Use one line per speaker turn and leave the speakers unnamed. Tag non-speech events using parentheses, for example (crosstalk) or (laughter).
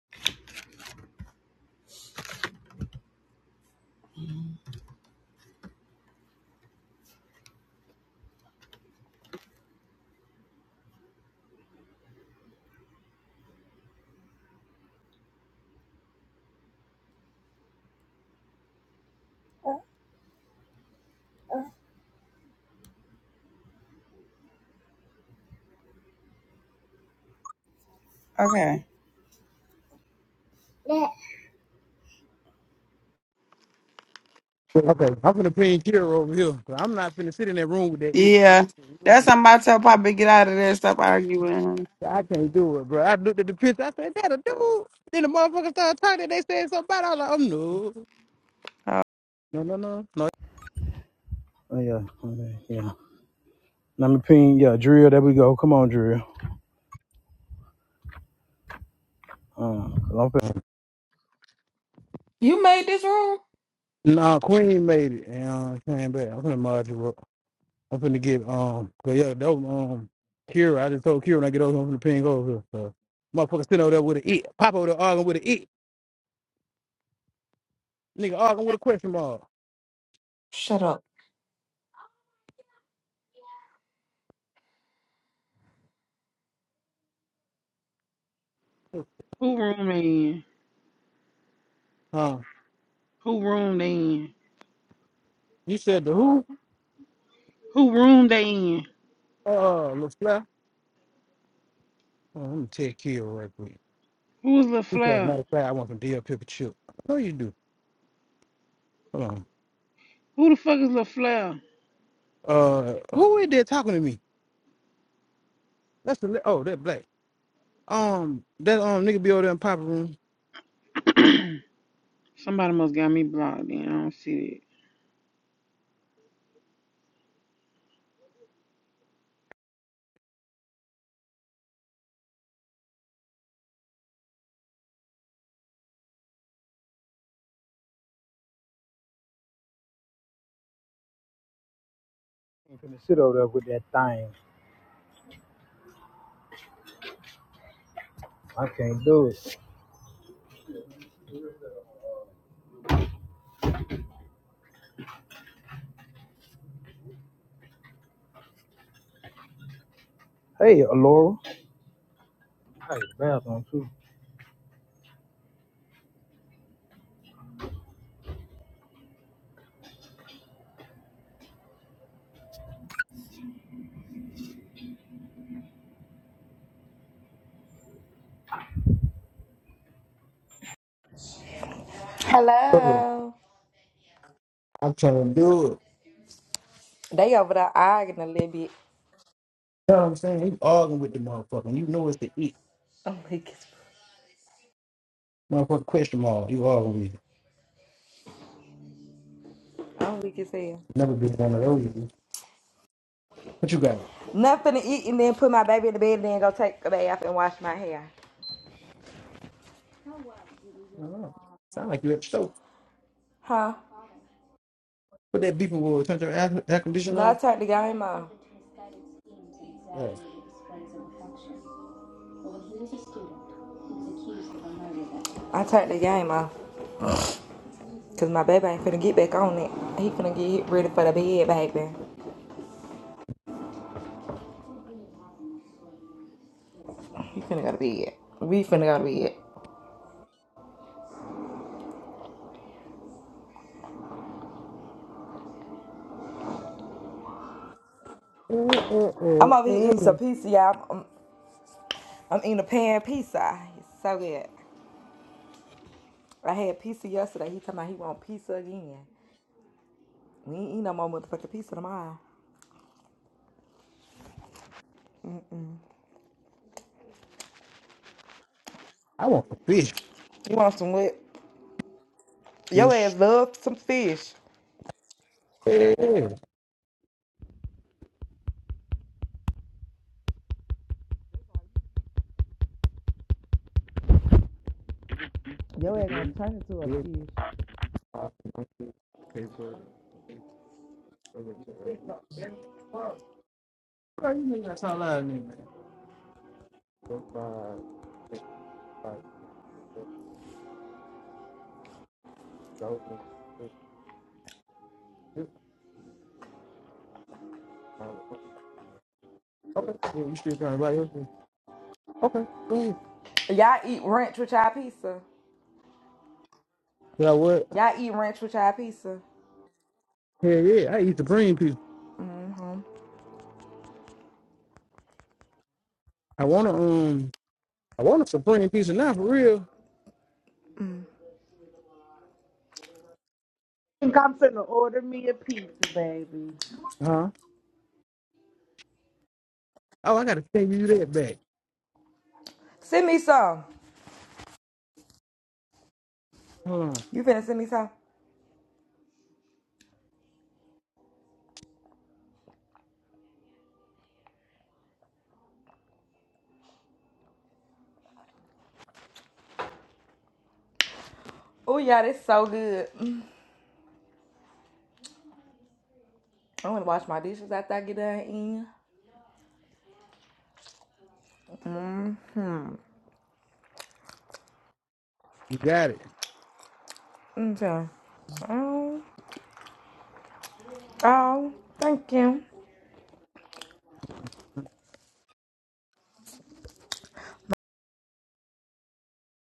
Okay.
Okay, I'm gonna pin Kira over here. 'cause I'm not finna sit in that room with that it.
Yeah. That's what I'm about to tell Papa get out of there. Stop arguing.
I can't do it, bro. I looked at the picture. I said, "That a dude." Then the motherfucker started talking. They said something about. It. I was like, "Oh no, no, no, no, no." Oh yeah, okay, yeah. Let me ping. Yeah, Drill. There we go. Come on, Drill. Uh, 'cause I'm
You made this room?
fin- Nah, Queen made it and uh, came back. I'm finna mod you up. I'm finna get um, 'cause yeah, that was um, Kira. I just told Kira when I get over, I'm finna ping over here. So, motherfucker sitting over there with an it. Pop over there arguing with an it. Nigga arguing with a question mark.
Shut up.
Who room they in?
Huh?
Who room they in?
You said the who?
Who room they in?
Uh, LaFleur? Oh, let me take Kill right quick.
Who is
He said,
LaFleur?
matter of fact, I want some DL pepper chip. I know you do. Hold on.
Who the fuck is LaFleur?
Uh, who is there talking to me? That's the, li- oh, that black. Um, that um nigga be over there in Papa room.
(clears throat) Somebody must got me blocked then. I don't see it.
I'm finna sit over there with that thing. I can't do it. Hey, Alora. Hey, bathroom too. Uh,
Hello.
I'm trying to do it.
They over there arguing a little bit.
You know what I'm saying? You arguing with the motherfucker. You know it's the eat.
I'm weak as
Motherfucker question mark. You arguing with it.
I'm weak as hell.
Never been one of those. What you got? I
Nothing to eat and then put my baby in the bed and then go take a bath and wash my hair.
don't know. Sound like you at the store.
Huh?
Put that beeper will turn your air, air conditioner
No, I
off.
turned the game off.
Yeah.
I turned the game off. Cause my baby ain't finna get back on it. He finna get ready for the bed, baby. He finna go to bed. We finna go to bed.
Uh, uh, uh,
I'm over here
uh.
eating some pizza, y'all. I'm, I'm eating a pan pizza. It's so good. I had pizza yesterday. He talking about he want pizza again. We ain't eat no more motherfucking pizza tomorrow.
I want some fish.
You want some what? Your
Fish.
ass love some fish.
Yeah.
Your ass gonna turn into a fish.
Bro, you niggas gotta stop lying man. Okay. Yeah, you should trying to buy your food. Okay. Go ahead.
Y'all eat ranch with y'all pizza.
Yeah, what?
Y'all eat ranch with y'all pizza.
Hell yeah, I eat the supreme pizza. I wanna um I want a supreme pizza now for real.
think I'm finna order me a pizza, baby.
Huh? Oh, I gotta send you that back.
Send me some.
Mm,
You finna send me some? Oh yeah, that's so good. Mm. I'm gonna wash my dishes after I get done eating.
you got it.
Okay. Oh, oh, thank you.